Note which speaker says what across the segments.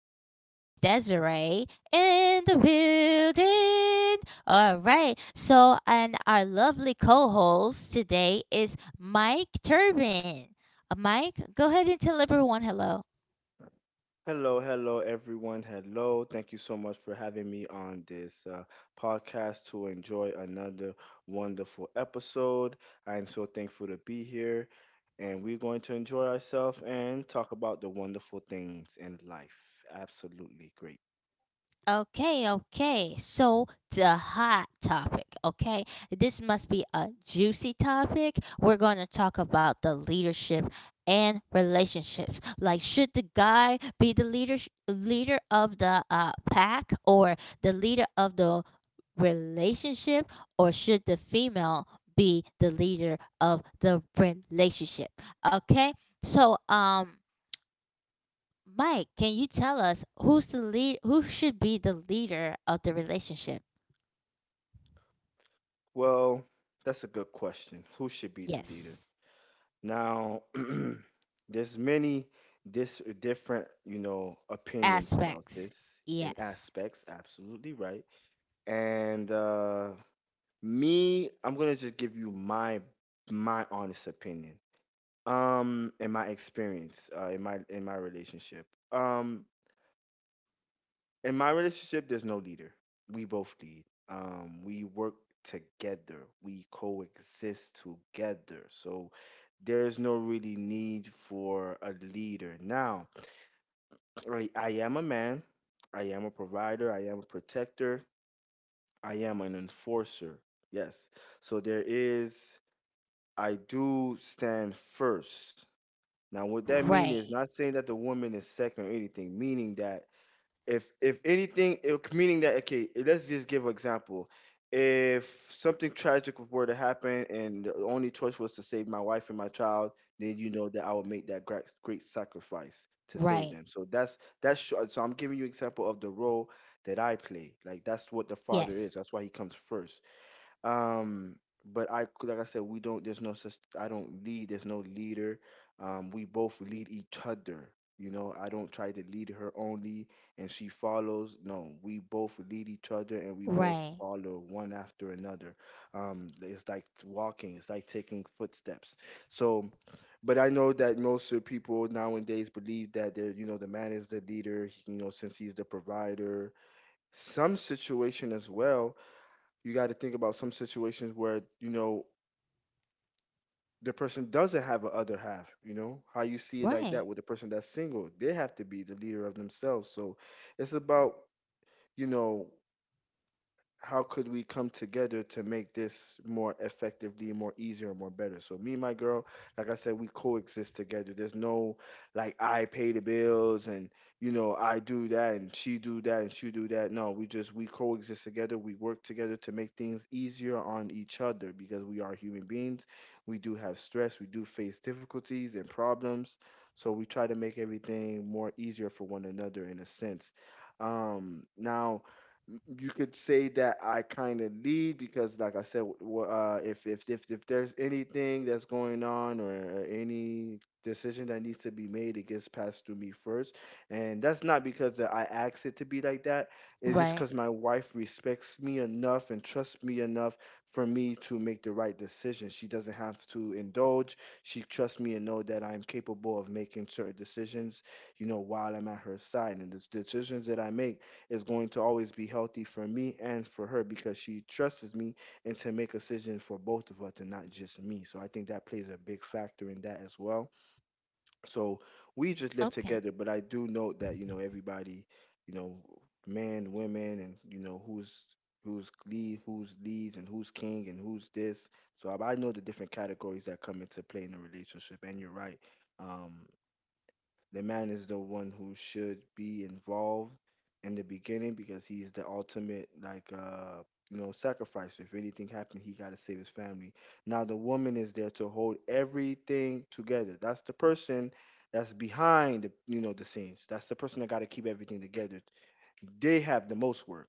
Speaker 1: is always Desiree in the building. All right, so and our lovely co-host today is Mike Turbin. Mike, go ahead and tell everyone hello.
Speaker 2: Hello, hello, everyone. Hello. Thank you so much for having me on this podcast to enjoy another wonderful episode. I am so thankful to be here, and we're going to enjoy ourselves and talk about the wonderful things in life. Absolutely great.
Speaker 1: Okay, okay. So the hot topic, okay? This must be a juicy topic. We're going to talk about the leadership and relationships. Like should the guy be the leader of the pack or the leader of the relationship, or should the female be the leader of the relationship? Okay? So Mike, can you tell us who should be the leader of the relationship?
Speaker 2: Well, that's a good question. Who should be the leader?
Speaker 1: Yes.
Speaker 2: Now, there's many this different, opinions about
Speaker 1: Aspects.
Speaker 2: this in
Speaker 1: Yes.
Speaker 2: aspects. Absolutely right. And me, I'm gonna just give you my honest opinion. In my experience, in my relationship. Um, in my relationship, there's no leader. We both lead. We work together. We coexist together. So there's no really need for a leader. Now, I am a man. I am a provider. I am a protector. I am an enforcer. Yes. So there is, I do stand first. Now, what that means is
Speaker 1: Right.
Speaker 2: not saying that the woman is second or anything, meaning that if anything, it, meaning that, okay, let's just give an example. If something tragic were to happen and the only choice was to save my wife and my child, then you know that I would make that great, great sacrifice to save
Speaker 1: Right.
Speaker 2: them. So so I'm giving you example of the role that I play. Like that's what the father is.
Speaker 1: Yes.
Speaker 2: That's why he comes first. Um, but I, like I said, we don't. There's no. I don't lead. There's no leader. We both lead each other. You know, I don't try to lead her only, and she follows. No, we both lead each other, and we both
Speaker 1: Right.
Speaker 2: follow one after another. It's like walking. It's like taking footsteps. So, but I know that most of people nowadays believe that they're, you know, the man is the leader. You know, since he's the provider. Some situation as well, you got to think about some situations where, you know, the person doesn't have a other half. You know how you see it like that.
Speaker 1: Right.
Speaker 2: With the person that's single, they have to be the leader of themselves. So it's about, you know, how could we come together to make this more effectively, more easier, and more better? So me and my girl, like I said, we coexist together. There's no like I pay the bills and, you know, I do that and she do that. No, we just we coexist together. We work together to make things easier on each other because we are human beings. We do have stress. We do face difficulties and problems. So we try to make everything more easier for one another in a sense. Now you could say that I kind of lead because, like I said, if there's anything that's going on or any decision that needs to be made, it gets passed through me first, and that's not because that I asked it to be like that. It's just
Speaker 1: Right.
Speaker 2: because my wife respects me enough and trusts me enough for me to make the right decision. She doesn't have to indulge. She trusts me and know that I'm capable of making certain decisions. You know, while I'm at her side, and the decisions that I make is going to always be healthy for me and for her because she trusts me and to make decisions for both of us and not just me. So I think that plays a big factor in that as well. So we just live
Speaker 1: Okay.
Speaker 2: together, but I do note that, you know, everybody, you know, men, women, and, you know, who's leads, and who's king, and who's this. So I know the different categories that come into play in a relationship. And you're right. Um, the man is the one who should be involved in the beginning because he's the ultimate like you know sacrifice. If anything happened, he got to save his family. Now the woman is there to hold everything together. That's the person that's behind the, you know, the scenes. That's the person that got to keep everything together. They have the most work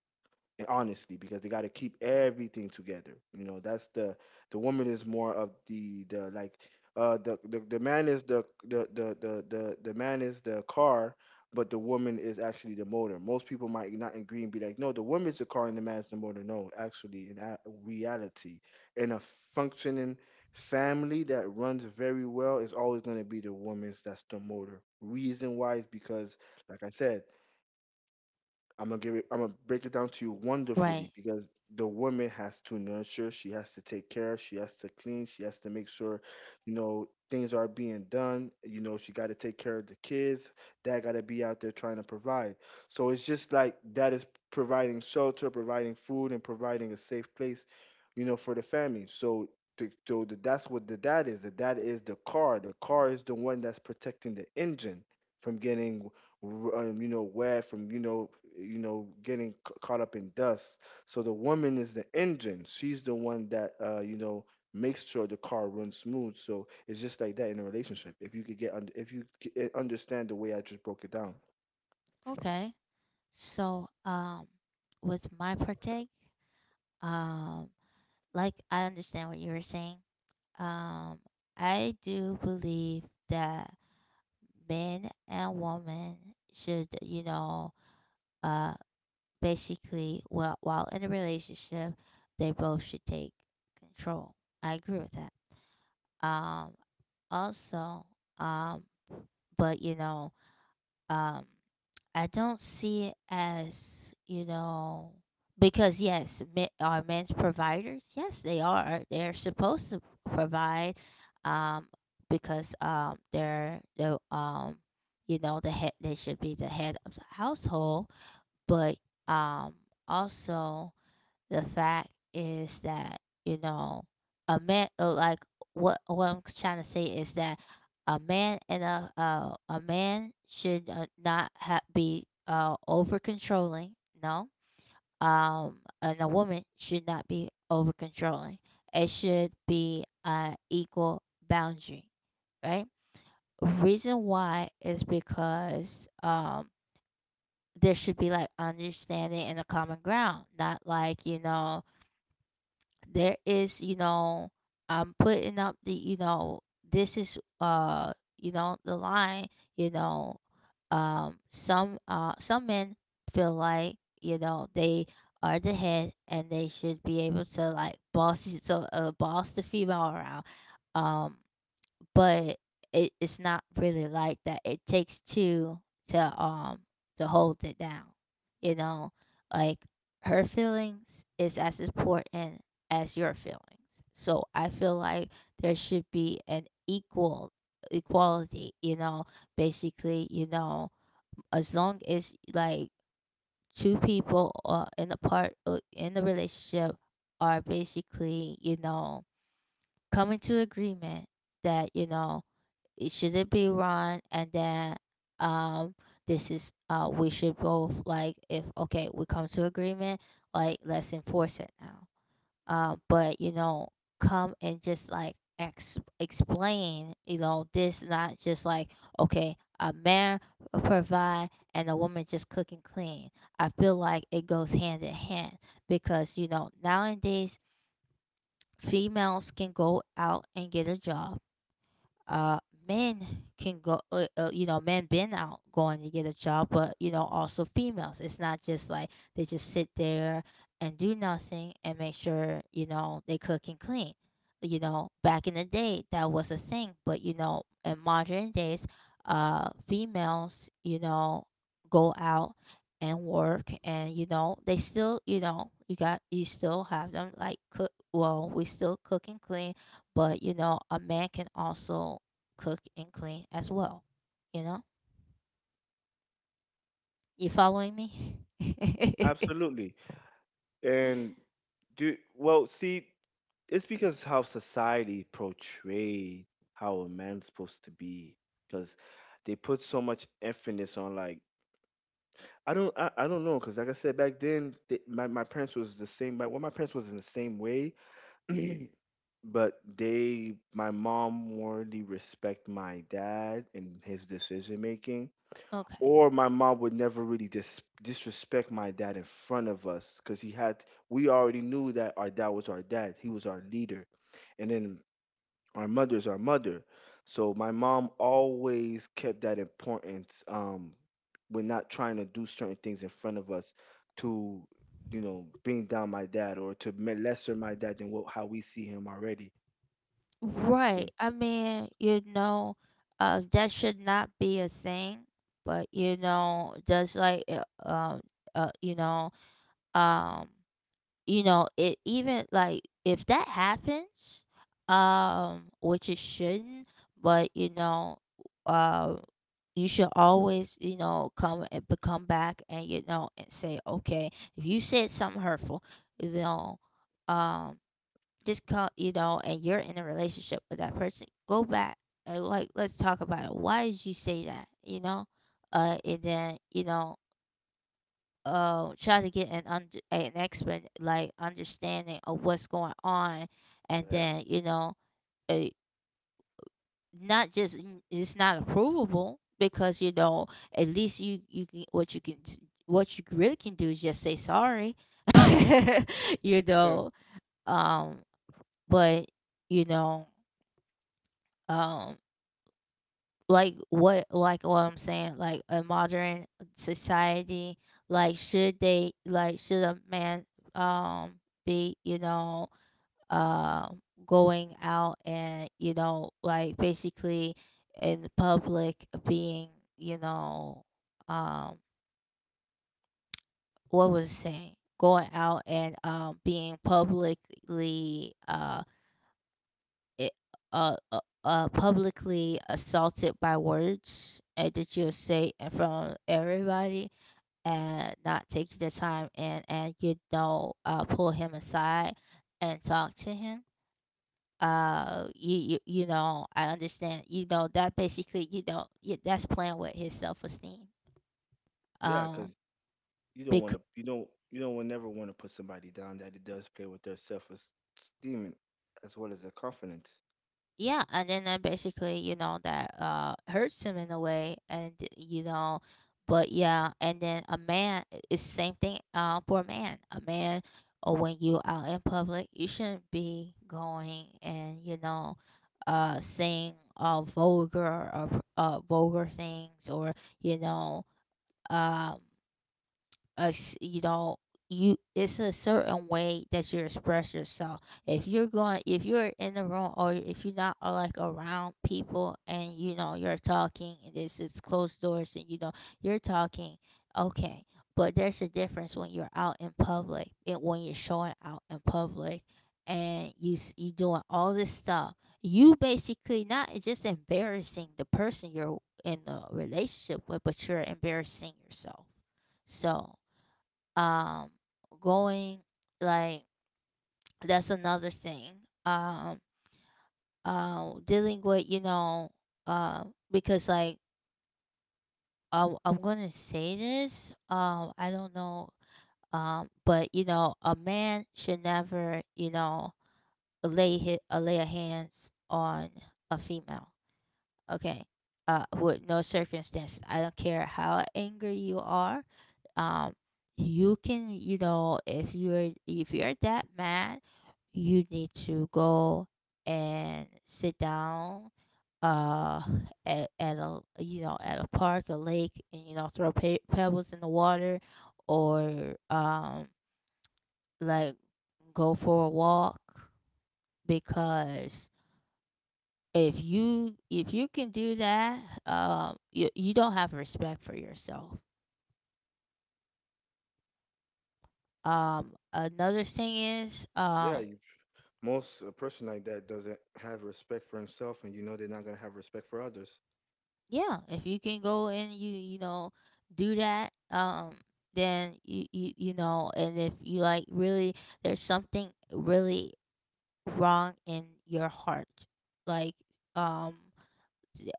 Speaker 2: and honestly because they got to keep everything together. You know, that's the woman is more of the man is the man is the car, but the woman is actually the motor. Most people might not agree and be like, no, the woman's the car and the man's the motor. No, actually, reality, in a functioning family that runs very well is always going to be the woman's that's the motor. Reason why is because, like I said, I'm gonna give it. I'm gonna break it down to you wonderfully
Speaker 1: Right.
Speaker 2: because the woman has to nurture. She has to take care. She has to clean. She has to make sure, you know, things are being done. You know, she got to take care of the kids. Dad got to be out there trying to provide. So it's just like that is providing shelter, providing food, and providing a safe place, you know, for the family. So. That's what the dad is. The dad is the car. The car is the one that's protecting the engine from getting you know, wet from, you know, getting caught up in dust. So the woman is the engine. She's the one that, you know, makes sure the car runs smooth. So it's just like that in a relationship. If you could get, under, if you c- eh, understand the way I just broke it down,
Speaker 1: Okay. So, with my partake, um, like I understand what you were saying. Um, I do believe that men and women should, you know, uh, basically, well, while in a relationship, they both should take control. I agree with that. Um, also, um, but you know, um, I don't see it as you know because yes, men, are men's providers? Yes, they are. They're supposed to provide, um, because they're the you know, the head. They should be the head of the household, but um, also the fact is that, you know, a man like what I'm trying to say is that a man and a man should not be over controlling, no. And a woman should not be over controlling. It should be an equal boundary, right? Reason why is because there should be like understanding and a common ground, not like, you know, there is you know I'm putting up the you know this is you know the line you know some men feel like you know they are the head and they should be able to like boss so boss the female around um but it's not really like that. It takes two to um to hold it down. You know, like her feelings is as important as your feelings. So I feel like there should be an equality, you know, basically, you know, as long as like two people in the part in the relationship are basically, you know, coming to agreement that, you know, it shouldn't be run, and then um this is we should both like if okay we come to agreement like let's enforce it now. But you know come and just like explain you know this not just like okay a man provide and a woman just cook and clean. I feel like it goes hand in hand because you know nowadays females can go out and get a job, uh, men can go, you know, men been out going to get a job, but you know, also females. It's not just like they just sit there and do nothing and make sure you know they cook and clean. You know, back in the day that was a thing, but you know, in modern days, females, you know, go out and work, and you know they still you know you got you still have them like cook, well we still cook and clean, but you know, a man can also cook and clean as well. You know, you following me?
Speaker 2: absolutely. And do well. See, it's because how society portrayed how a man's supposed to be, because they put so much emphasis on like I don't know because, like I said, back then my parents was the same. My parents was in the same way but they, my mom more really respect my dad and his decision making,
Speaker 1: Okay.
Speaker 2: or my mom would never really disrespect my dad in front of us because he had, we already knew that our dad was our dad, he was our leader. And then our mother is our mother. So my mom always kept that importance, when not trying to do certain things in front of us to, you know, bring down my dad or to lesser my dad than what, how we see him already. Mm.
Speaker 1: Right. I mean, you know, that should not be a thing, but you know, just like, um, uh, you know, um, you know, it even like if that happens, which it shouldn't, but you know, uh, you should always, you know, come and but come back and you know and say, okay, if you said something hurtful, you know, um, just come, you know, and you're in a relationship with that person, go back and like let's talk about it. Why did you say that? You know, and then you know, try to get an expert like understanding of what's going on, and
Speaker 2: Yeah,
Speaker 1: then you know uh not just it's not approvable because you know at least you can what you really can do is just say sorry. You
Speaker 2: yeah,
Speaker 1: know, um but you know um like what I'm saying, like a modern society, like should they like should a man um be, you know, going out and, you know, like basically in the public being, you know, um what was it saying? Going out and being publicly it, publicly assaulted by words that you'll say in front of everybody and not take the time and you know, pull him aside and talk to him. You know, I understand. You know that basically, you know, yeah, that's playing with his self esteem.
Speaker 2: yeah.
Speaker 1: Um,
Speaker 2: Because
Speaker 1: because
Speaker 2: you don't never want to put somebody down that it does play with their self-esteem and as well as their confidence.
Speaker 1: Yeah, and then basically, you know, that hurts him in a way, and you know, but yeah, and then a man is same thing for a man. A man, or when you out in public, you shouldn't be going and you know, saying vulgar or vulgar things or you know um us you know you it's a certain way that you express yourself. If you're going if you're in the room or if you're not like around people and you know you're talking and this is closed doors and you know you're talking, okay, but there's a difference when you're out in public and when you're showing out in public and you doing all this stuff. You basically not just embarrassing the person you're in a relationship with, but you're embarrassing yourself. So um going like that's another thing. um dealing with you know uh because like I'm gonna say this I don't know, but you know a man should never you know lay a hands on a female. Okay. With no circumstances. I don't care how angry you are. Um, you can, you know, if you're that mad, you need to go and sit down uh at a you know at a park a lake and you know throw pebbles in the water, or like go for a walk, because if you can do that you, you don't have respect for yourself. Another thing is
Speaker 2: Yeah, you, most a person like that doesn't have respect for himself, and you know they're not gonna have respect for others.
Speaker 1: yeah, if you can go and you know do that, then you know, and if you like really there's something really wrong in your heart like um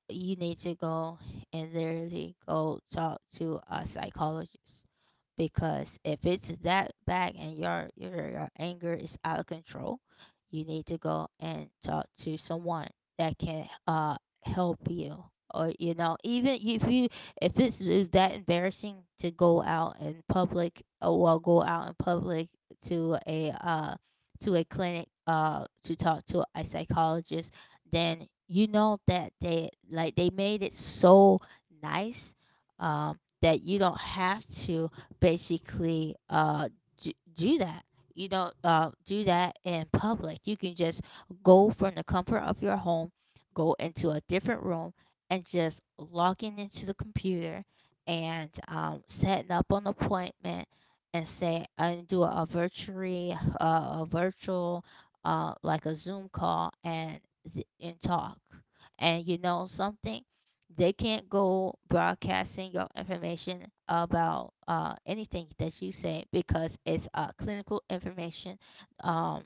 Speaker 1: you need to go and literally go talk to a psychologist, because if it's that bad and your anger is out of control, you need to go and talk to someone that can help you. Or you know, even if you if it's that embarrassing to go out in public, or well, go out in public to a uh to a clinic to talk to a psychologist, then you know that they like they made it so nice that you don't have to basically do that. You don't do that in public, you can just go from the comfort of your home, go into a different room, and just logging into the computer and setting up an appointment and say and do a virtual uh, a virtual like a zoom call and talk. And you know something, they can't go broadcasting your information about anything that you say because it's clinical information. Um,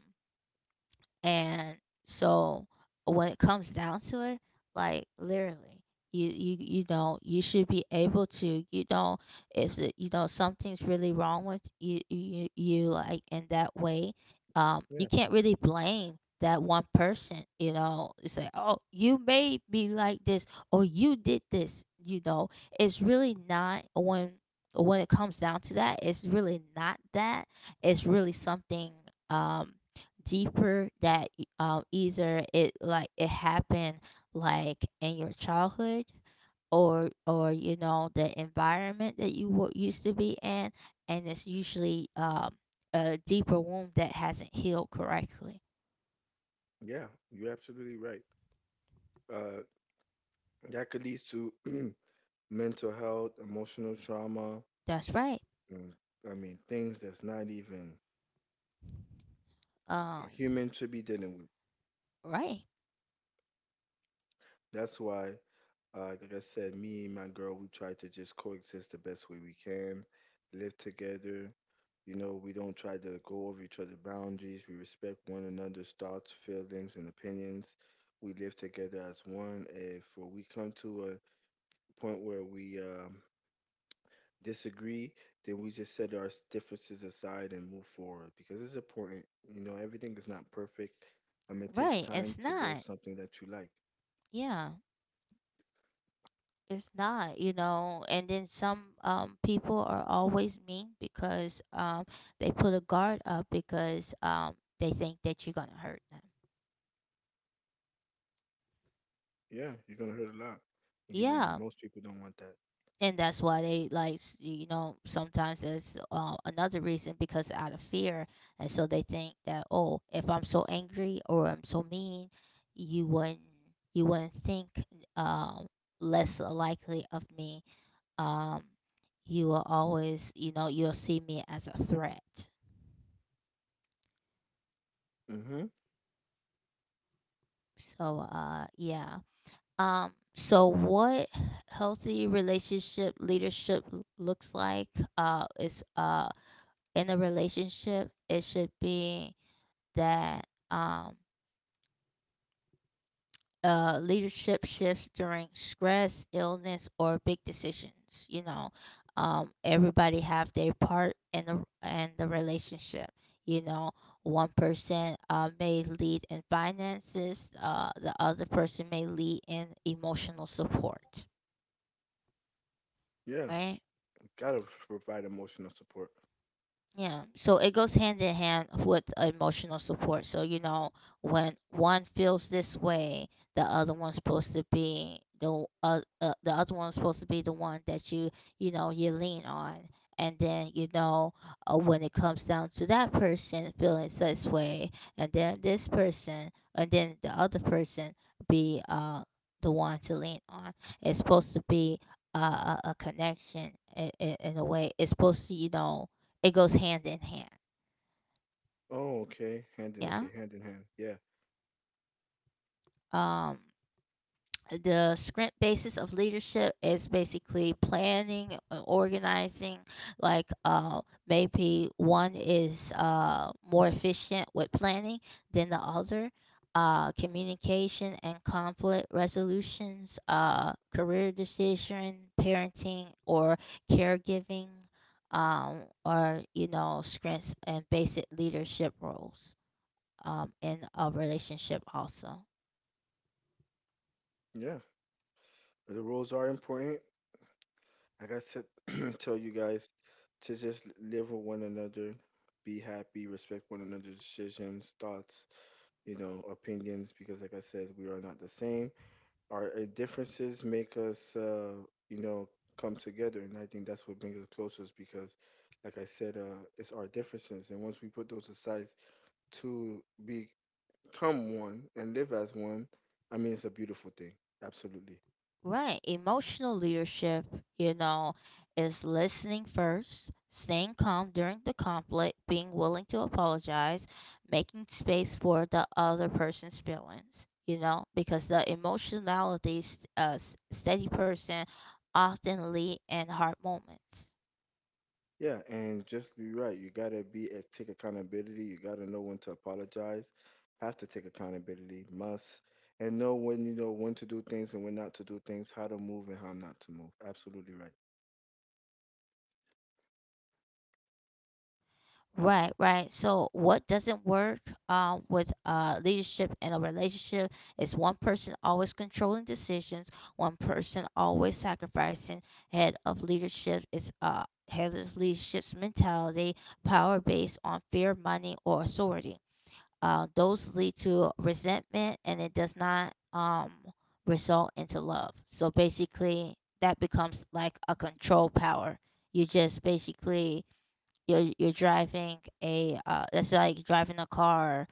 Speaker 1: and so when it comes down to it, like literally, you know you should be able to you know if you know something's really wrong with you you you like in that way,
Speaker 2: Yeah.
Speaker 1: you can't really blame that one person. You know, it's like oh you made me like this or you did this. You know, it's really not when when it comes down to that, it's really not that. It's really something Um, deeper that either it like it happened like in your childhood or you know the environment that you were used to be in, and it's usually a deeper wound that hasn't healed correctly.
Speaker 2: Yeah, you're absolutely right. Uh, that could lead to mental health, emotional trauma,
Speaker 1: That's right.
Speaker 2: and I mean, things that's not even a
Speaker 1: Um
Speaker 2: human should be dealing with.
Speaker 1: right.
Speaker 2: That's why, like I said, me and my girl, we try to just coexist the best way we can, live together. You know, we don't try to go over each other's boundaries. We respect one another's thoughts, feelings, and opinions. We live together as one. If we come to a point where we disagree, then we just set our differences aside and move forward because it's important. You know, everything is not perfect. I mean, it takes
Speaker 1: Right.
Speaker 2: time
Speaker 1: It's
Speaker 2: to build
Speaker 1: not.
Speaker 2: something that you like.
Speaker 1: Yeah. It's not, you know, and then some people are always mean because they put a guard up because they think that you're gonna hurt them.
Speaker 2: Yeah, you're gonna hurt a lot. And You and
Speaker 1: Yeah,
Speaker 2: most people don't want that.
Speaker 1: and that's why they like you know sometimes that's another reason, because out of fear, and so they think that oh if I'm so angry or I'm so mean, you wouldn't think um less likely of me. Um, you will always you know you'll see me as a threat.
Speaker 2: Mm-hmm.
Speaker 1: So yeah. So what healthy relationship leadership looks like is in a relationship, it should be that um, leadership shifts during stress, illness, or big decisions. You know, everybody have their part in the relationship. You know, one person may lead in finances, the other person may lead in emotional support.
Speaker 2: Yeah,
Speaker 1: Right.
Speaker 2: we gotta provide emotional support.
Speaker 1: Yeah, so it goes hand in hand with emotional support. So, you know, when one feels this way, the other one's supposed to be the other one's supposed to be the one that you lean on. And then, you know, when it comes down to that person feeling this way, and then this person, and then the other person be the one to lean on. It's supposed to be a connection in a way. It's supposed to, you know, it goes hand in hand.
Speaker 2: Oh, okay.
Speaker 1: Yeah.
Speaker 2: Hand in hand. Yeah,
Speaker 1: Um, the sprint basis of leadership is basically planning and organizing like maybe one is more efficient with planning than the other, communication and conflict resolutions, career decision parenting or caregiving, um, or you know strengths and basic leadership roles, in a relationship also.
Speaker 2: yeah. The roles are important. Like I said, tell you guys to just live with one another, be happy, respect one another's decisions, thoughts, you know, opinions because, like I said, we are not the same. Our differences make us, you know, come together, and I think that's what brings us closest because, like I said, it's our differences, and once we put those aside to become one and live as one, I mean, it's a beautiful thing. Absolutely.
Speaker 1: Right. Emotional leadership, you know, is listening first, staying calm during the conflict, being willing to apologize, making space for the other person's feelings, you know, because the emotionality, steady person often lead in hard moments.
Speaker 2: Yeah, and just be right. You gotta be take accountability. You gotta know when to apologize. Have to take accountability. Must and know when, you know, when to do things and when not to do things. How to move and how not to move. Absolutely right.
Speaker 1: Right, right. So what doesn't work with leadership in a relationship is one person always controlling decisions, one person always sacrificing. Head of leadership is head of leadership's mentality, power based on fear, money, or authority. Those lead to resentment, and it does not result into love. So basically, that becomes like a control power. You just basically you're driving a that's like driving a car,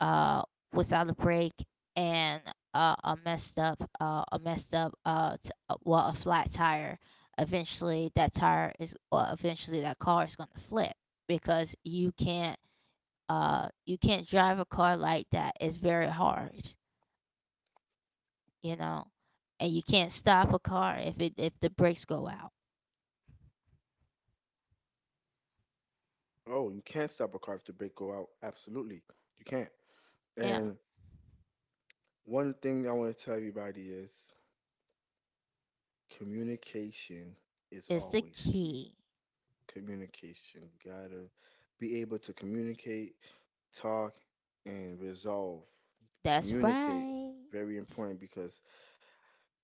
Speaker 1: uh, without a brake and a messed up well a flat tire. Eventually, that tire is well, eventually that car is going to flip because you can't drive a car like that. It's very hard, you know, and you can't stop a car if it if the brakes go out.
Speaker 2: Oh, you can't stop a car if the brake go out. Absolutely, you can't.
Speaker 1: Yeah,
Speaker 2: And one thing I want to tell everybody is communication is
Speaker 1: it's the
Speaker 2: always key.
Speaker 1: key.
Speaker 2: Communication. You gotta be able to communicate, talk, and resolve,
Speaker 1: That's
Speaker 2: communicate.
Speaker 1: right.
Speaker 2: Very important, because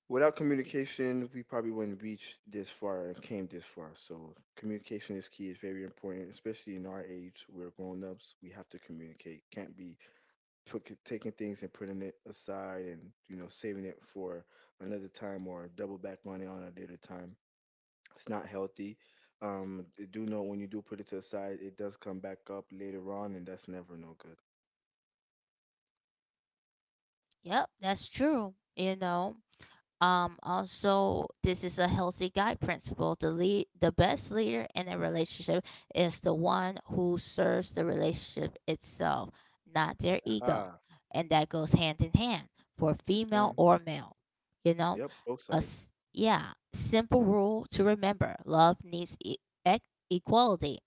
Speaker 2: without communication we probably wouldn't reach this far and came this far. So communication is key. It's very important, especially in our age. We're grown-ups. We have to communicate. Can't be taking things and putting it aside and saving it for another time or double back on it on a later time. It's not healthy. Do know, when you do put it to the side, it does come back up later on, and that's never no good.
Speaker 1: Yep, that's true. You know, also this is a healthy guide principle. The best leader in a relationship is the one who serves the relationship itself, not their ego,
Speaker 2: Aha.
Speaker 1: and that goes hand in hand for
Speaker 2: Yes,
Speaker 1: female
Speaker 2: ma'am.
Speaker 1: or male. You know,
Speaker 2: Yep, both sides.
Speaker 1: yeah, simple rule to remember: love needs ec- equality,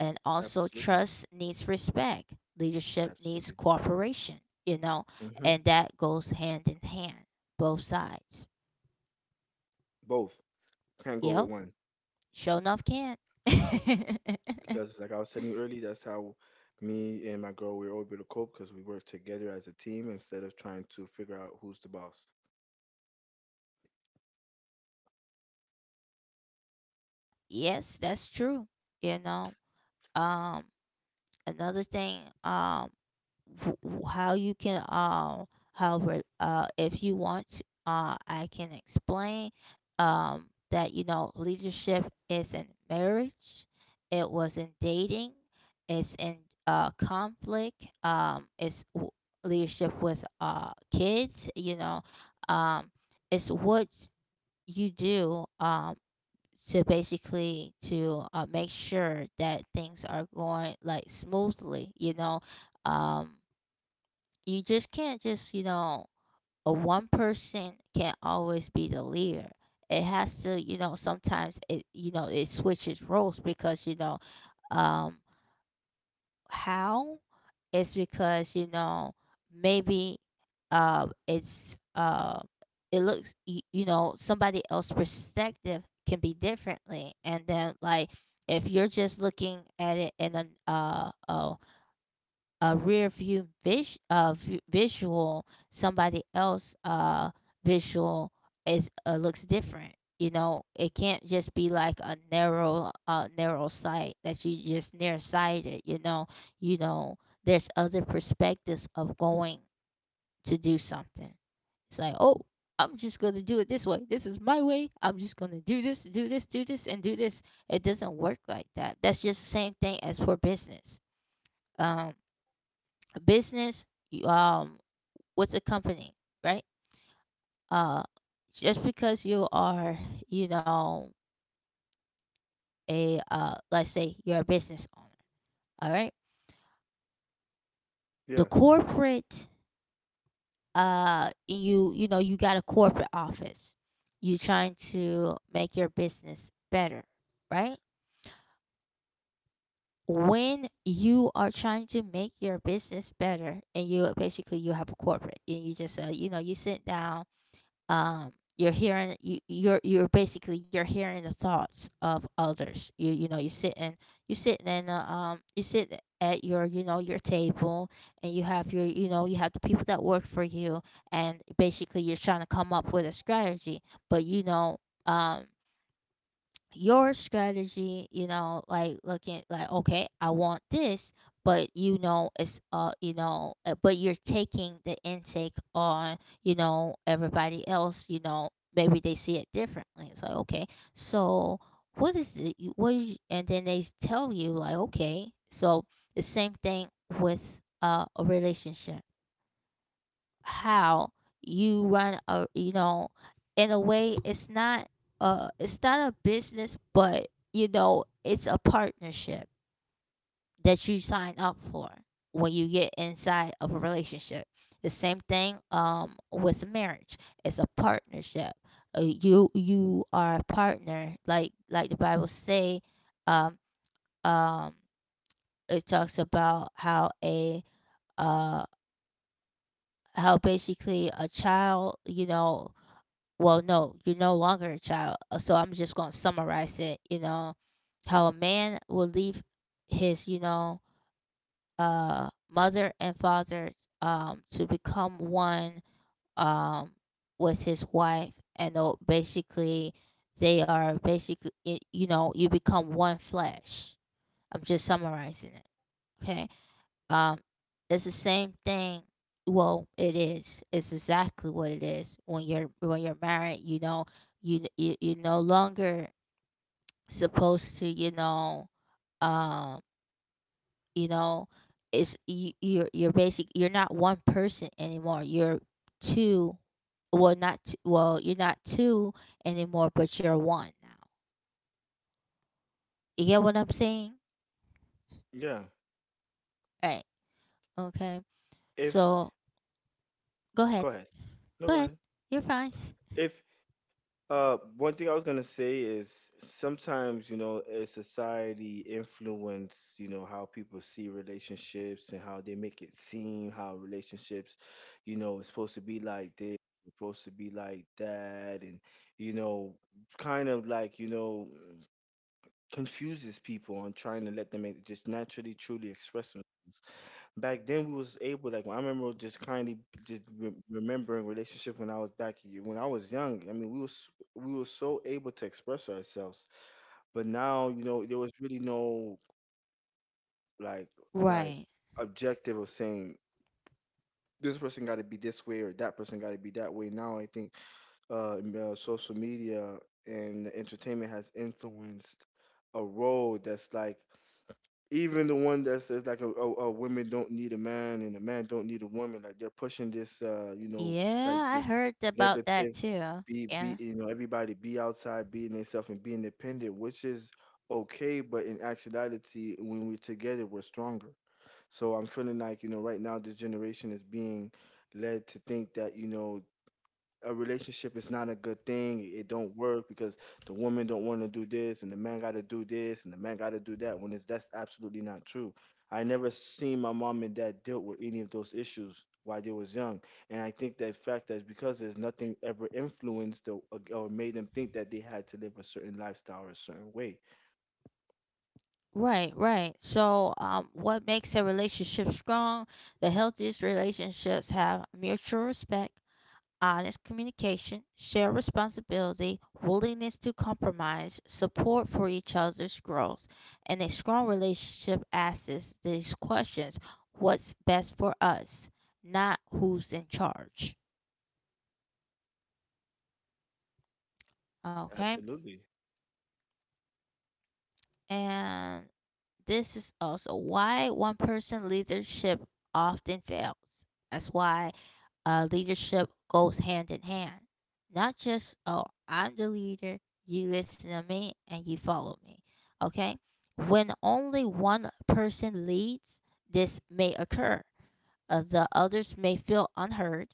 Speaker 1: and also
Speaker 2: Absolutely.
Speaker 1: trust needs respect, leadership needs
Speaker 2: Absolutely.
Speaker 1: cooperation, you know,
Speaker 2: Hmm.
Speaker 1: and that goes hand in hand, both sides.
Speaker 2: Both. Can't go
Speaker 1: Yep,
Speaker 2: with one.
Speaker 1: sure enough can.
Speaker 2: Because, like I was telling you earlier, that's how me and my girl, we were able to cope because we work together as a team instead of trying to figure out who's the boss.
Speaker 1: Yes, that's true. You know, um another thing, how you can, if you want to, I can explain that you know leadership is in marriage, it was in dating, it's in conflict, leadership with kids, you know. um it's what you do, to basically to make sure that things are going like smoothly, you know. um you just can't just, you know, a one person can't always be the leader. It has to, you know, sometimes it, you know, it switches roles because, you know, um how, it's because, you know, maybe uh it's uh it looks, you know, somebody else's perspective can be differently. And then like, if you're just looking at it in uh, a a rear view visual, somebody else, visual, is looks different. You know, it can't just be like a narrow, narrow sight that you just nearsighted. You know, there's other perspectives of going to do something. It's like, oh, I'm just gonna do it this way. This is my way. I'm just gonna do this, do this, do this, and do this. It doesn't work like that. That's just the same thing as for business. Um, business, you, um, with a company, right? Uh, just because you are, you know, a let's say you're a business owner, all right? The
Speaker 2: Yeah.
Speaker 1: corporate, you, you know, you got a corporate office. You trying to make your business better, right? When you are trying to make your business better, and you basically you have a corporate, and you just you know, you sit down, um you're hearing, you're basically you're hearing the thoughts of others, you know you sit in, you sit in a, you sit at your, you know, your table, and you have your, you know, you have the people that work for you, and basically you're trying to come up with a strategy. But you know, um your strategy, you know, like looking like, okay, I want this, but you know but you're taking the intake on, you know, everybody else, you know, maybe they see it differently. It's like, okay, so what is it, and then tell you like, okay. So the same thing with a relationship, how you run a, you know, in a way it's not a business, but you know it's a partnership that you sign up for when you get inside of a relationship. The same thing with marriage, it's a partnership. You, you are a partner, like the bible say. um um it talks about how a uh how basically a child, you know, well, no, you're no longer a child. So I'm just going to summarize it, you know, how a man will leave his, you know, mother and father, to become one, um with his wife, and they'll basically, they are basically, you know, you become one flesh. I'm just summarizing it. Okay? Um, it's the same thing. Well, it is. It's exactly what it is. When you're, when you're married, you know, you you're no longer supposed to. Um, you know, you're basic. You're not one person anymore. You're two. Well, not two, well. You're not two anymore, but you're one now. You get what I'm saying?
Speaker 2: Yeah.
Speaker 1: Right. Okay.
Speaker 2: If,
Speaker 1: So go
Speaker 2: go
Speaker 1: ahead.
Speaker 2: ahead. No, go
Speaker 1: Go ahead.
Speaker 2: ahead.
Speaker 1: You're fine.
Speaker 2: If one thing I was gonna say is sometimes, you know, as society influence, you know, how people see relationships and how they make it seem how relationships, you know, is supposed to be like this, supposed to be like that, and you know, kind of like, you know, confuses people on trying to let them just naturally, truly express themselves. Back then we was able, like I remember just kindly just remembering relationship when I was back, when I was young. I mean, we were so able to express ourselves, but now you know there was really no like, like
Speaker 1: Right.
Speaker 2: objective of saying this person got to be this way or that person got to be that way. Now I think social media and entertainment has influenced a role that's like, even the one that says, like a woman don't need a man and a man don't need a woman. Like, they're pushing this, uh, you know, like
Speaker 1: Yeah, I
Speaker 2: this
Speaker 1: heard about
Speaker 2: negative,
Speaker 1: that too.
Speaker 2: be
Speaker 1: Yeah.
Speaker 2: you know, everybody be outside being themselves and be independent, which is okay, but in actuality, when we're together, we're stronger. So I'm feeling like, you know, right now this generation is being led to think that, you know, a relationship is not a good thing. It don't work because the woman don't want to do this and the man got to do this and the man got to do that, when it's, that's absolutely not true. I never seen my mom and dad dealt with any of those issues while they was young. And I think that fact that because there's nothing ever influenced or made them think that they had to live a certain lifestyle or a certain way.
Speaker 1: Right, right. So, what makes a relationship strong? The healthiest relationships have mutual respect, honest communication, shared responsibility, willingness to compromise, support for each other's growth. And a strong relationship asks these questions: what's best for us? Not who's in charge. Okay?
Speaker 2: Absolutely.
Speaker 1: And this is also why one person leadership often fails. That's why leadership goes hand in hand. Not just, oh, I'm the leader, you listen to me, and you follow me. Okay? When only one person leads, this may occur. The others may feel unheard,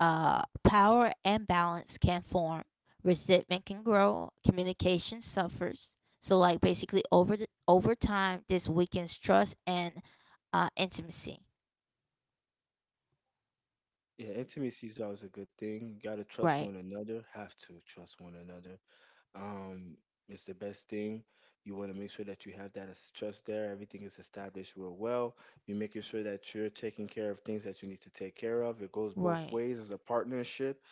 Speaker 1: power and balance can form. Resentment can grow. Communication suffers. So, like basically over over time, this weakens trust and intimacy.
Speaker 2: Yeah, intimacy is always a good thing. You gotta trust
Speaker 1: Right.
Speaker 2: one another. Have to trust one another. Um, it's the best thing. You want to make sure that you have that trust there. Everything is established real well. You're making sure that you're taking care of things that you need to take care of. It goes both
Speaker 1: Right.
Speaker 2: ways as a partnership.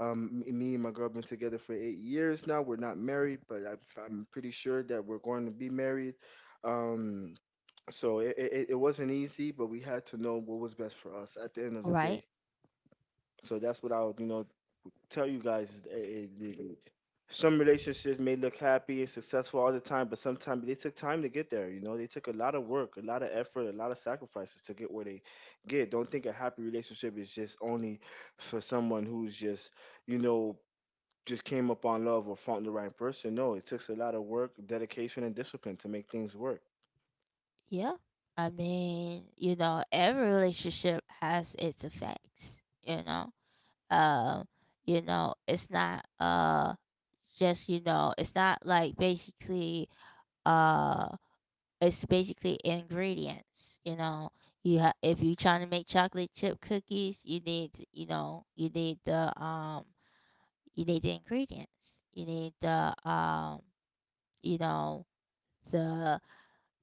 Speaker 2: Me and my girl been together for 8 years now. We're not married, but I'm pretty sure that we're going to be married. Um, so it wasn't easy, but we had to know what was best for us at the end of the
Speaker 1: Right.
Speaker 2: day. So that's what I would, you know, tell you guys, is that some relationships may look happy and successful all the time, but sometimes they took time to get there. You know, they took a lot of work, a lot of effort, a lot of sacrifices to get where they get. Don't think a happy relationship is just only for someone who's just, you know, just came up on love or found the right person. No, it takes a lot of work, dedication, and discipline to make things work.
Speaker 1: Yeah. I mean, you know, every relationship has its effects. You know. Um. You know, it's not just you know, it's not like basically uh it's basically ingredients. You know, you have if you're trying to make chocolate chip cookies, you need to, you- know, you need the, you need the ingredients. You need the, you know the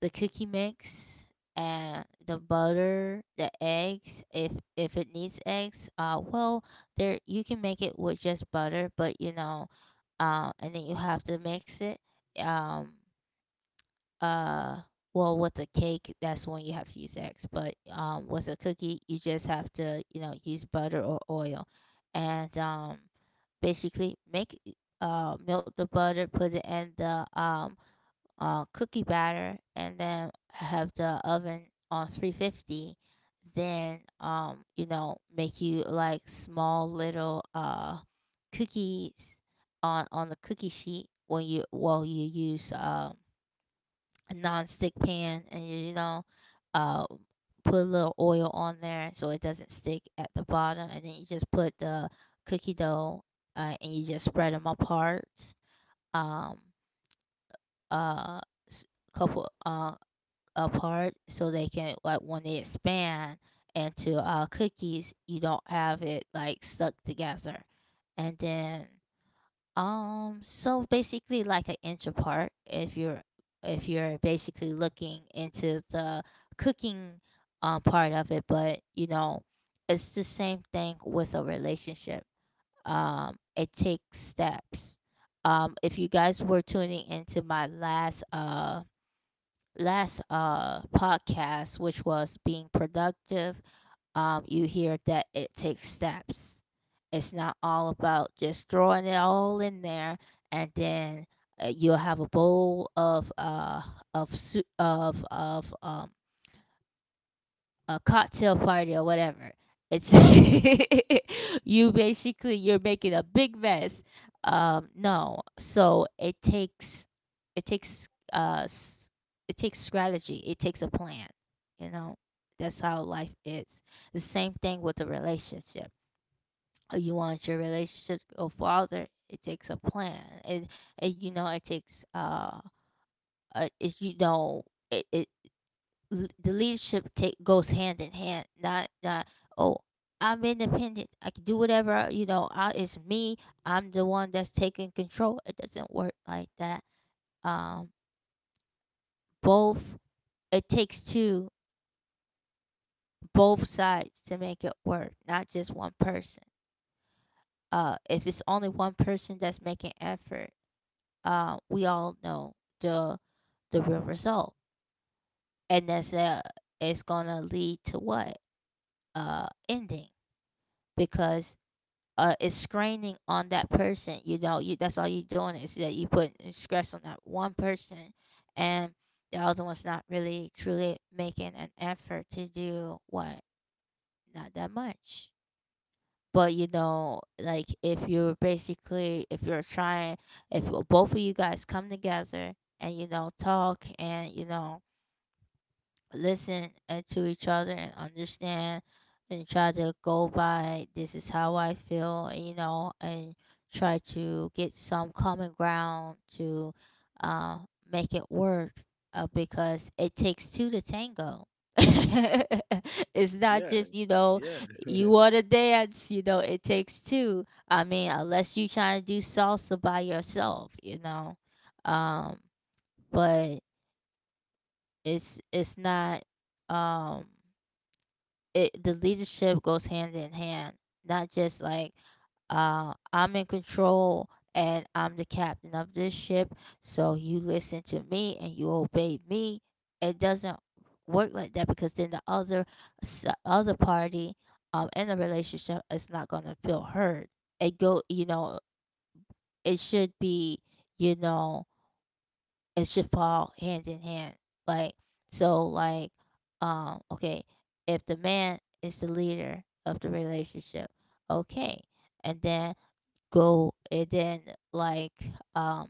Speaker 1: the cookie mix and the butter, the eggs. If it needs eggs, well there, you can make it with just butter, but you know, and then you have to mix it. Um, uh well with a cake, that's when you have to use eggs, but with a cookie you just have to, you know, use butter or oil, and basically make, melt the butter, put it in the, cookie batter, and then have the oven on 350. Then, you know, make you like small little cookies on the cookie sheet, when you while you use a non-stick pan, and you know, uh put a little oil on there so it doesn't stick at the bottom, and then you just put the cookie dough, and you just spread them apart, um uh s- couple apart so they can like, when they expand into cookies, you don't have it like stuck together. And then, so basically like an inch apart, if you're, if you're basically looking into the cooking part of it. But you know, it's the same thing with a relationship. It takes steps. If you guys were tuning into my last podcast, which was being productive, you hear that it takes steps. It's not all about just throwing it all in there and then, you'll have a bowl of soup, of a cocktail party or whatever. It's you basically you're making a big mess. No, so it takes uh s- it takes strategy. It takes a plan. You know, that's how life is. The same thing with a relationship. You want your relationship to go farther. It takes a plan. It you know it takes it, you know it, it l- The leadership take goes hand in hand. Not, oh, I'm independent. I can do whatever I, you know. I it's me. I'm the one that's taking control. It doesn't work like that. Um, both It takes two, both sides to make it work, not just one person. If it's only one person that's making effort, we all know the the real result, and that's it's gonna lead to what ending, because is straining on that person. You know, you that's all you're doing is that you put stress on that one person, and the other one's not really truly making an effort to do what, not that much. But you know, like if you're basically if you're trying, if both of you guys come together and you know talk and you know listen, to each other and understand, and try to go by, this is how I feel, you know, and try to get some common ground to, uh, make it work, because it takes two to tango. It's not
Speaker 2: Yeah,
Speaker 1: just, you know,
Speaker 2: yeah,
Speaker 1: you want to dance, you know it takes two. I mean, unless you trying to do salsa by yourself, you know. um but it's not, um it the leadership goes hand in hand, not just like, I'm in control and I'm the captain of this ship, so you listen to me and you obey me. It doesn't work like that, because then the other other party, in the relationship, is not going to feel heard. It go, you know, it should be, you know, it should fall hand in hand. Like, so, like, okay, if the man is the leader of the relationship, okay, and then, go and then, like, um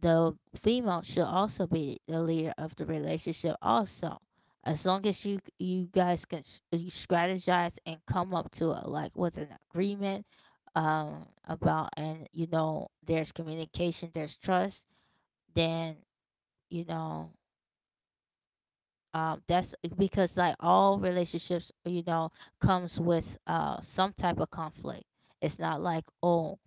Speaker 1: the female should also be the leader of the relationship also, as long as you guys can, you strategize and come up to a, like, with an agreement, about, and you know there's communication, there's trust, then, you know. That's, because like all relationships, you know, comes with some type of conflict. It's not like, oh,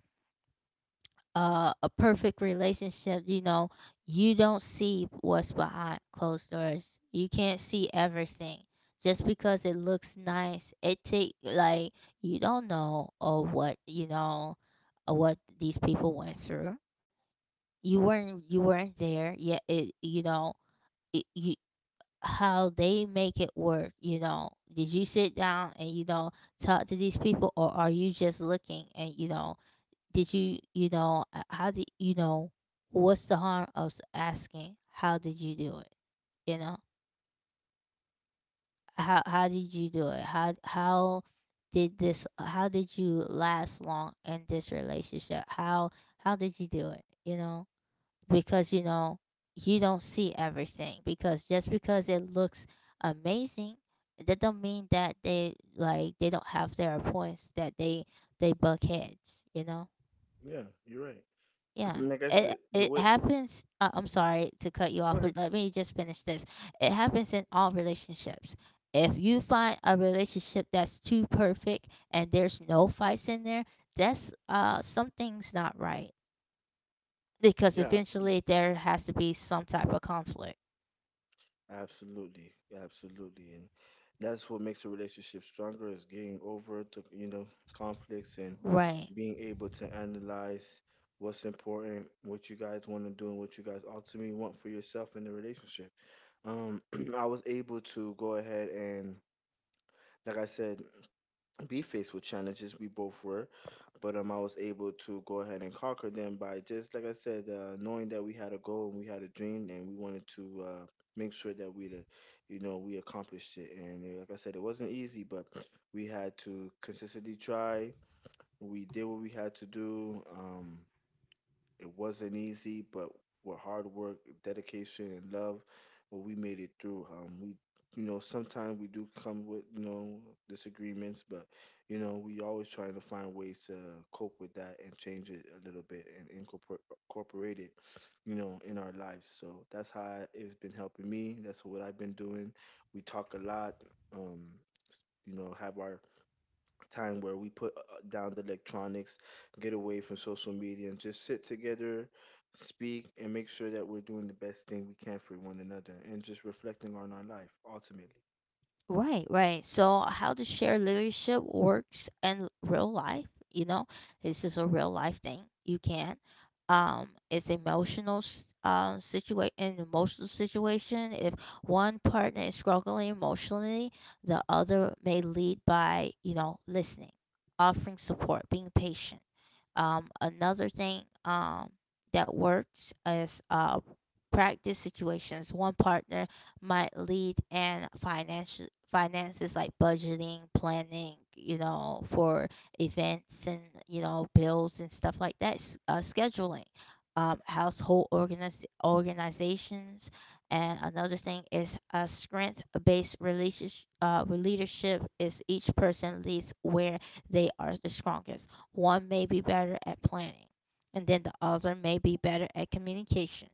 Speaker 1: a perfect relationship. You know, you don't see what's behind closed doors. You can't see everything. Just because it looks nice, it take like, you don't know or what, you know, what these people went through. You weren't there yet. It, you know, it, you, how they make it work, you know, did you sit down and you know talk to these people, or are you just looking? And you know did you, you know, how did you know, what's the harm of asking how did you do it, you know, how did you do it, how did this, how did you last long in this relationship, how did you do it, you know. Because you know you don't see everything, because just because it looks amazing, that don't mean that they don't have their points that they buck heads, you know.
Speaker 2: yeah. You're right.
Speaker 1: Yeah,
Speaker 2: Like I said, the
Speaker 1: it
Speaker 2: way.
Speaker 1: happens, I'm sorry to cut you
Speaker 2: Go
Speaker 1: off,
Speaker 2: ahead.
Speaker 1: but let me just finish this. It happens in all relationships. If you find a relationship that's too perfect and there's no fights in there, that's something's not right, because
Speaker 2: Yeah, absolutely.
Speaker 1: eventually there has to be some type of conflict.
Speaker 2: Absolutely, absolutely, and that's what makes a relationship stronger is getting over the, you know, conflicts and
Speaker 1: Right.
Speaker 2: being able to analyze what's important, what you guys want to do, and what you guys ultimately want for yourself in the relationship. Um, I was able to go ahead and, like I said, be faced with challenges. We both were, but I was able to go ahead and conquer them by, just like I said, knowing that we had a goal and we had a dream and we wanted to, make sure that you know, we accomplished it. And like I said, it wasn't easy, but we had to consistently try. We did what we had to do. It wasn't easy, but with hard work, dedication, and love, well, we made it through. You know, sometimes we do come with, you know, disagreements, but you know, we always try to find ways to cope with that and change it a little bit and incorporate it, you know, in our lives. So that's how it's been helping me. That's what I've been doing. We talk a lot. Um, you know, have our time where we put, down the electronics, get away from social media, and just sit together, speak, and make sure that we're doing the best thing we can for one another and just reflecting on our life ultimately.
Speaker 1: Right, right. So how the share leadership works in real life, you know, it's just a real life thing. You can. It's emotional situation, an emotional situation. If one partner is struggling emotionally, the other may lead by, you know, listening, offering support, being patient. Another thing, that works is, practice situations. One partner might lead and financial finances, like budgeting, planning, you know, for events and you know bills and stuff like that, scheduling, household organizations. And another thing is a strength based relationship, leadership is each person leads where they are the strongest. One may be better at planning, and then the other may be better at communication.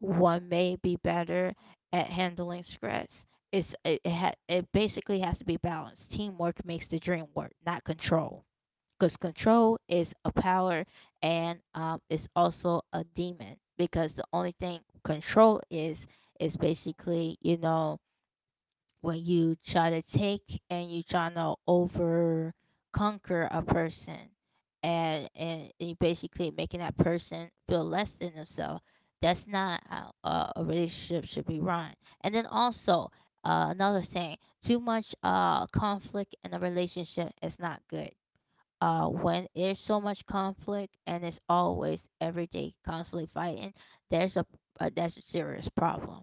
Speaker 1: One may be better at handling stress. It's it it, ha- It basically has to be balanced. Teamwork makes the dream work, not control, because control is a power, and it's also a demon. Because the only thing control is basically you know, when you try to take and you try to over conquer a person, and you basically making that person feel less than themselves, that's not how, a relationship should be run. And then also, another thing, too much conflict in a relationship is not good. When there's so much conflict and it's always every day constantly fighting, there's a, that's a serious problem.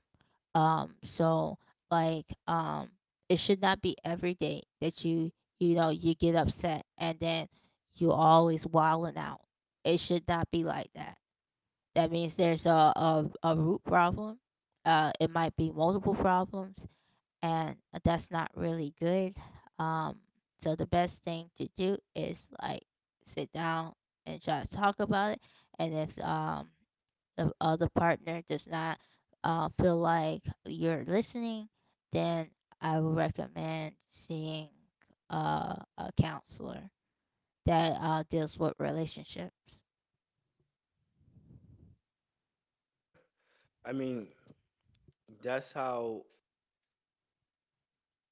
Speaker 1: So like, it should not be every day that you know, you get upset and then you always wilding out. It should not be like that. That means there's a root problem. It might be multiple problems, and that's not really good. Um, so the best thing to do is like sit down and try to talk about it. And if the other partner does not, feel like you're listening, then I would recommend seeing, a counselor that, deals with relationships.
Speaker 2: I mean, that's how.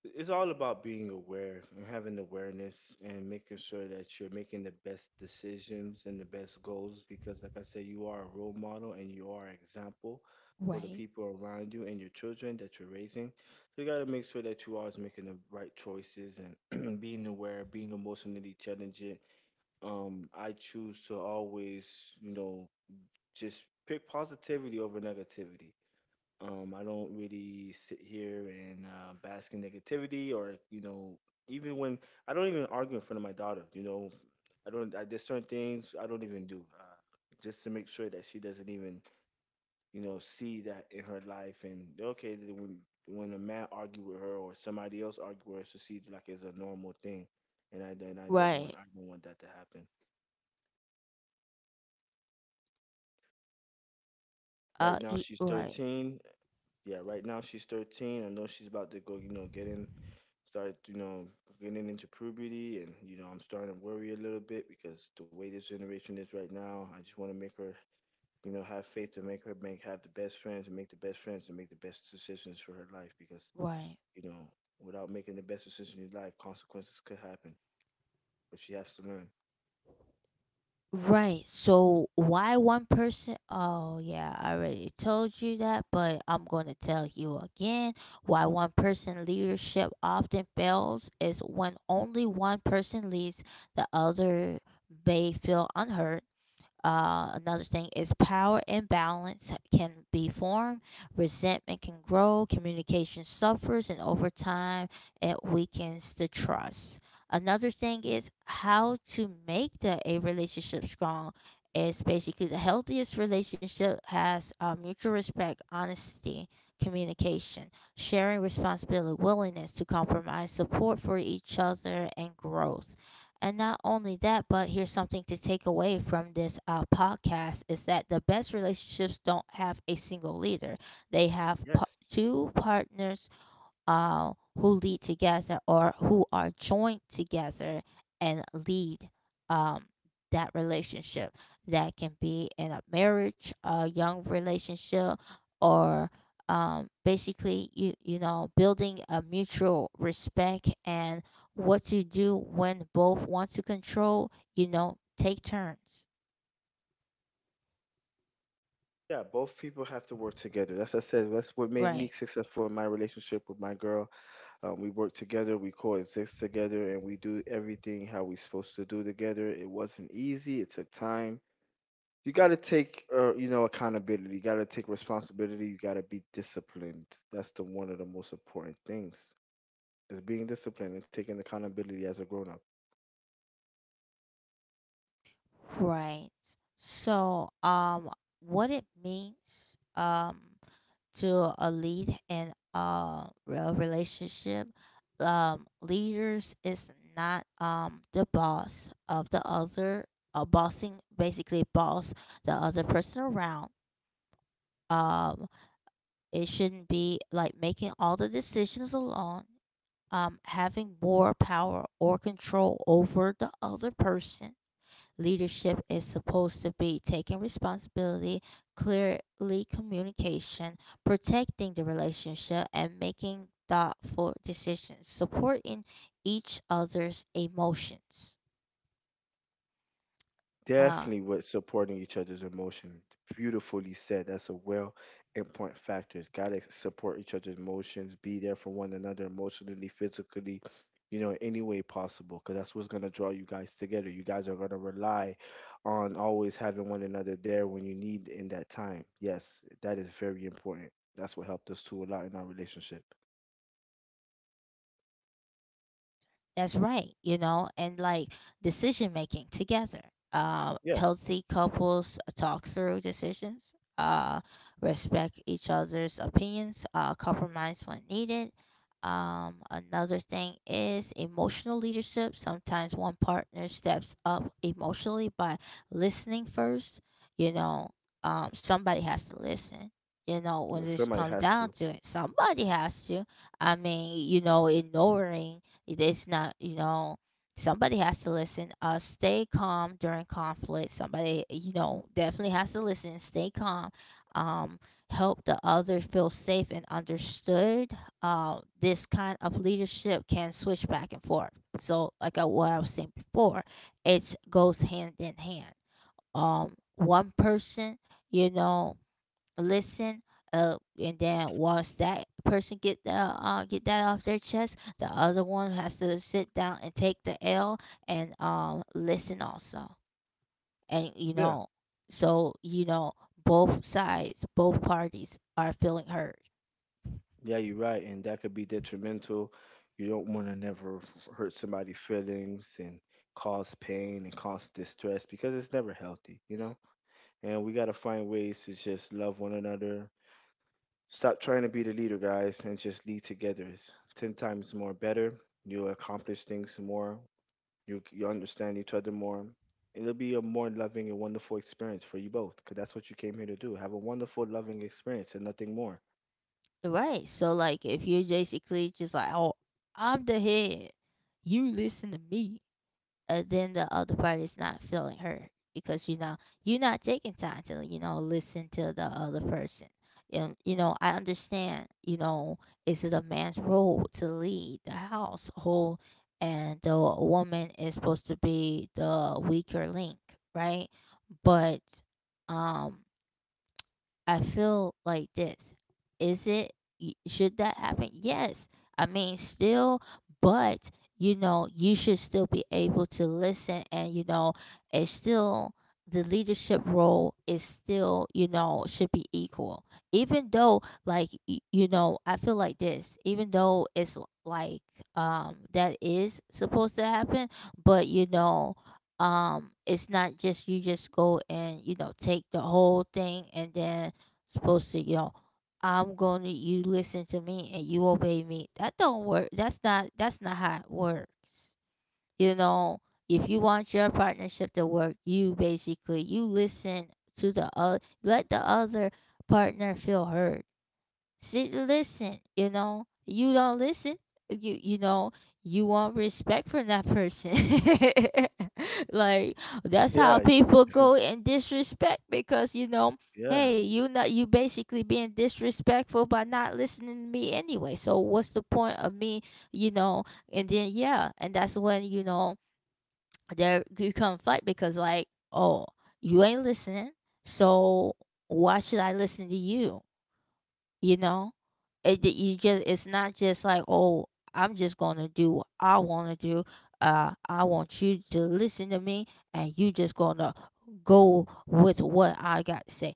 Speaker 2: It's all about being aware and having awareness and making sure that you're making the best decisions and the best goals because, like I said, you are a role model and you are an example for the
Speaker 1: Right.
Speaker 2: people around you and your children that you're raising. So you got to make sure that you are always making the right choices and being aware, being emotionally challenging. I choose to always, you know, just pick positivity over negativity. Um, I don't really sit here and, bask in negativity or, you know, even when I don't even argue in front of my daughter, you know, I don't, there's certain things I don't even do, just to make sure that she doesn't even, you know, see that in her life. And okay, then when a man argue with her or somebody else argue with her, she sees it like it's a normal thing. And
Speaker 1: Right.
Speaker 2: I don't want that to happen. Right now she's
Speaker 1: Right.
Speaker 2: 13 Yeah, right now she's 13. I know she's about to go, you know, getting start, you know, getting into puberty, and you know, I'm starting to worry a little bit because the way this generation is right now, I just want to make her, you know, have faith to make her make have the best friends and make the best friends and make the best decisions for her life because,
Speaker 1: Right.
Speaker 2: you know, without making the best decision in life, consequences could happen, but she has to learn.
Speaker 1: Right. So why one person? Oh yeah, I already told you that, but I'm gonna tell you again. Why one person leadership often fails is, when only one person leads, the other may feel unheard. Another thing is, power imbalance can be formed, resentment can grow, communication suffers, and over time it weakens the trust. Another thing is how to make the a relationship strong is, basically, the healthiest relationship has, mutual respect, honesty, communication, sharing responsibility, willingness to compromise, support for each other, and growth. And not only that, but here's something to take away from this, podcast, is that the best relationships don't have a single leader. They have,
Speaker 2: Yes.
Speaker 1: two partners, who lead together or who are joined together and lead, um, that relationship. That can be in a marriage, a young relationship, or, basically you know building a mutual respect, and what to do when both want to control. You know, take turns.
Speaker 2: Yeah, both people have to work together. That's I said. That's what made me
Speaker 1: Right.
Speaker 2: successful in my relationship with my girl. We work together, we coexist together, and we do everything how we're supposed to do together. It wasn't easy. It took time. You got to take, you know, accountability. You got to take responsibility. You got to be disciplined. That's the one of the most important things is being disciplined and taking accountability as a grown up.
Speaker 1: Right. So, what it means, to a lead in a real relationship. Leaders is not the boss of the other. Bossing, basically boss the other person around. Um, it shouldn't be like making all the decisions alone. Having more power or control over the other person. Leadership is supposed to be taking responsibility, clearly communication, protecting the relationship, and making thoughtful decisions, supporting each other's emotions. Um,
Speaker 2: Definitely with supporting each other's emotions. Beautifully said. That's a well important factor. It's gotta support each other's emotions, be there for one another emotionally, physically, you know, any way possible. Cause that's what's gonna draw you guys together. You guys are gonna rely on always having one another there when you need in that time. Yes, that is very important. That's what helped us too a lot in our relationship.
Speaker 1: That's right, you know, and like decision making together.
Speaker 2: Yeah.
Speaker 1: Healthy couples, talk through decisions, respect each other's opinions, compromise when needed. Another thing is emotional leadership. Sometimes one partner steps up emotionally by listening first. You know, somebody has to listen. You know,
Speaker 2: You know,
Speaker 1: when this
Speaker 2: somebody
Speaker 1: comes
Speaker 2: has
Speaker 1: down
Speaker 2: to.
Speaker 1: to it, somebody has to. I mean, you know, ignoring, it's not, you know, somebody has to listen. Stay calm during conflict. Somebody, you know, definitely has to listen. Stay calm. Um, Help the other feel safe and understood. This kind of leadership can switch back and forth. So, like I, what I was saying before, it goes hand in hand. One person, you know, listen, and then once that person get the get that off their chest, the other one has to sit down and take the l, and listen also. And you
Speaker 2: Yeah.
Speaker 1: know, so you know, both sides, both parties are feeling hurt.
Speaker 2: Yeah, you're right, and that could be detrimental. You don't want to never hurt somebody's feelings and cause pain and cause distress because it's never healthy, you know? And we got to find ways to just love one another. Stop trying to be the leader, guys, and just lead together. It's 10 times more better. You'll accomplish things more. You understand each other more. It'll be a more loving and wonderful experience for you both because that's what you came here to do. Have a wonderful, loving experience and nothing more.
Speaker 1: Right. So like if you're basically just like, oh, I'm the head, you listen to me, then the other party is not feeling hurt because you know you're not taking time to, you know, listen to the other person. And you know I understand, you know, is it a man's role to lead the household and the woman is supposed to be the weaker link? Right. But, um I feel like this. Is it, should that happen? Yes. I mean still, but you should still be able to listen, and it's still, the leadership role is still, should be equal. Even though, like, I feel like this, even though it's like, that is supposed to happen. But it's not just you just go and take the whole thing and then supposed to, I'm going to, you listen to me and you obey me. That don't work. That's not how it works. You know, if you want your partnership to work, you basically you listen to the other, let the other partner feel heard. See, listen, you don't listen. You you know, you want respect from that person. Like, that's how
Speaker 2: Yeah,
Speaker 1: people go and disrespect, because hey,
Speaker 2: yeah,
Speaker 1: you not, you basically being disrespectful by not listening to me anyway. So what's the point of me, you know? And then, yeah, and that's when there you come fight, because like, oh, you ain't listening. So why should I listen to you? You know, it, that you just, it's not just like, oh, I'm just gonna do what I want to do. I want you to listen to me, and you just gonna go with what I got to say.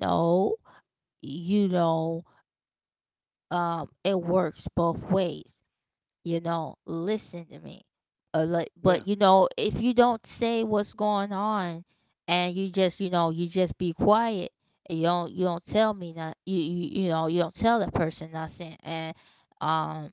Speaker 1: No, you know, it works both ways. Listen to me. Like,
Speaker 2: yeah.
Speaker 1: but if you don't say what's going on, and you just, you just be quiet, and you don't tell me, not, you don't tell that person nothing. And um,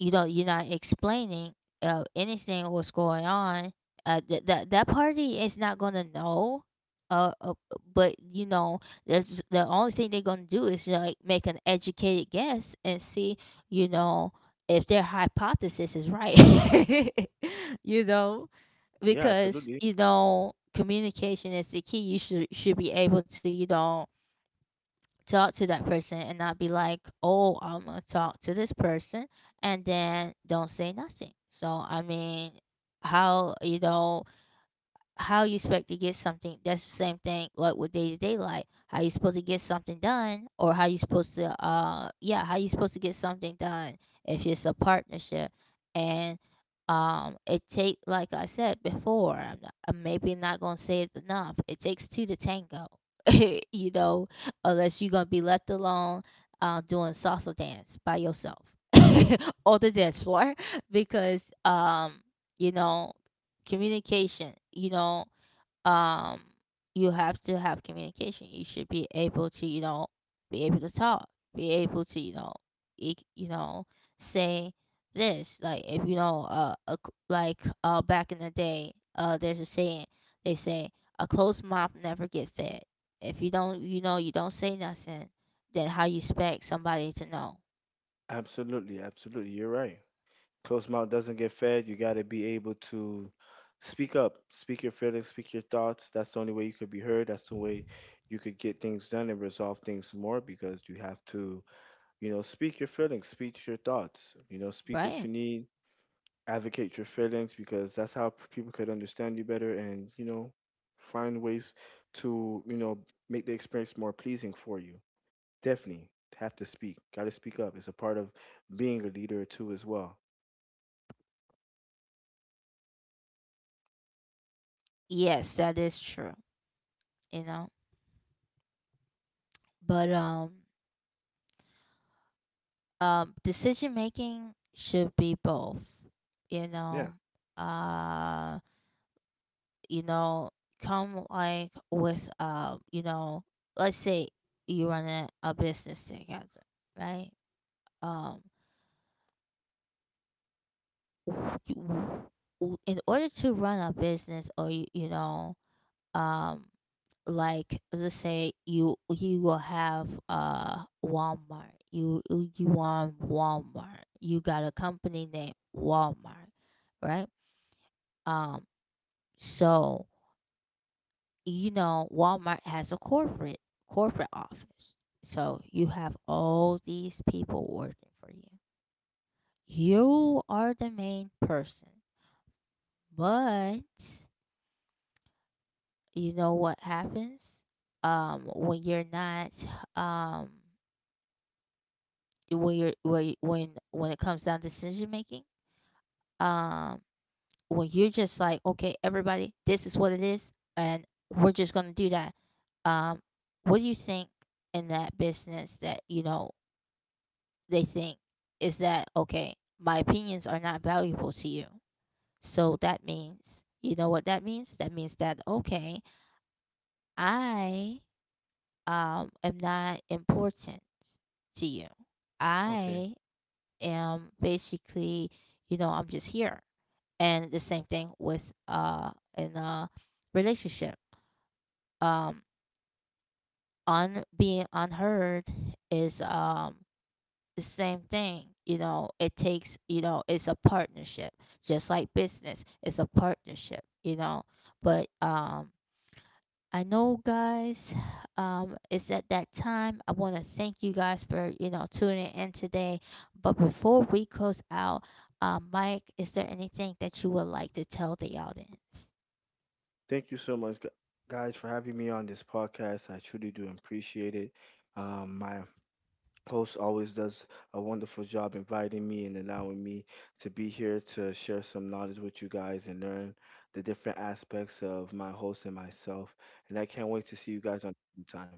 Speaker 1: you're not explaining anything what's going on. That party is not gonna know. uh, uh but that's the only thing they're gonna do is like make an educated guess and see, you know if their hypothesis is right. you know
Speaker 2: Yeah,
Speaker 1: because
Speaker 2: absolutely.
Speaker 1: communication is the key. You should be able to talk to that person, and not be like, oh, I'm going to talk to this person and then don't say nothing. So, I mean, how, how you expect to get something? That's the same thing, like with day to day life. How you supposed to get something done, or how you supposed to yeah, how you supposed to get something done if it's a partnership? And it take, like I said before, I'm maybe not gonna say it enough, it takes two to tango. you know Unless you're gonna be left alone, doing salsa dance by yourself on the dance floor because you know communication, um you have to have communication. You should be able to, be able to talk, be able to, e- you know say this. Like, if a, like, back in the day, there's a saying. They say, a closed mouth never get fed. If you don't, you don't say nothing, then how you expect somebody to know?
Speaker 2: Absolutely. Absolutely. You're right. Closed mouth doesn't get fed. You got to be able to speak up, speak your feelings, speak your thoughts. That's the only way you could be heard. That's the way you could get things done and resolve things more because you have to, you know, speak your feelings, speak your thoughts, you know, speak what
Speaker 1: Right.
Speaker 2: you need, advocate your feelings because that's how people could understand you better and, you know, find ways to, you know, make the experience more pleasing for you. Definitely have to speak. Got to speak up. It's a part of being a leader too, as well.
Speaker 1: Yes, that is true. you know but decision making should be both, you
Speaker 2: Yeah.
Speaker 1: know uh you know come, like with, let's say you run a business together, right? um w- w- in order to run a business, or you know um like, let's say you will have Walmart. You want Walmart. You got a company named Walmart, right? Um so Walmart has a corporate office. So you have all these people working for you. You are the main person. But what happens? When you're not, um when you're, when it comes down to decision making, um when you're just like, okay, everybody, this is what it is, and we're just going to do that. um what do you think, in that business, that they think, is that okay, my opinions are not valuable to you? So that means, what that means, that means that, okay, I am not important to you.
Speaker 2: Okay.
Speaker 1: I am basically, I'm just here. And the same thing with in a relationship. Um on being unheard is the same thing. You know, it takes, it's a partnership. Just like business, it's a partnership. But I know, guys. It's at that time. I want to thank you guys for tuning in today. But before we close out, Mike, is there anything that you would like to tell the audience?
Speaker 2: Thank you so much, guys, for having me on this podcast. I truly do appreciate it. My host always does a wonderful job inviting me and allowing me to be here to share some knowledge with you guys and learn the different aspects of my host and myself. And I can't wait to see you guys on the time.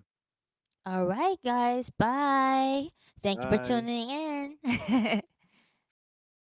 Speaker 1: All right, guys. Bye. Thank you for
Speaker 2: Bye.
Speaker 1: tuning in.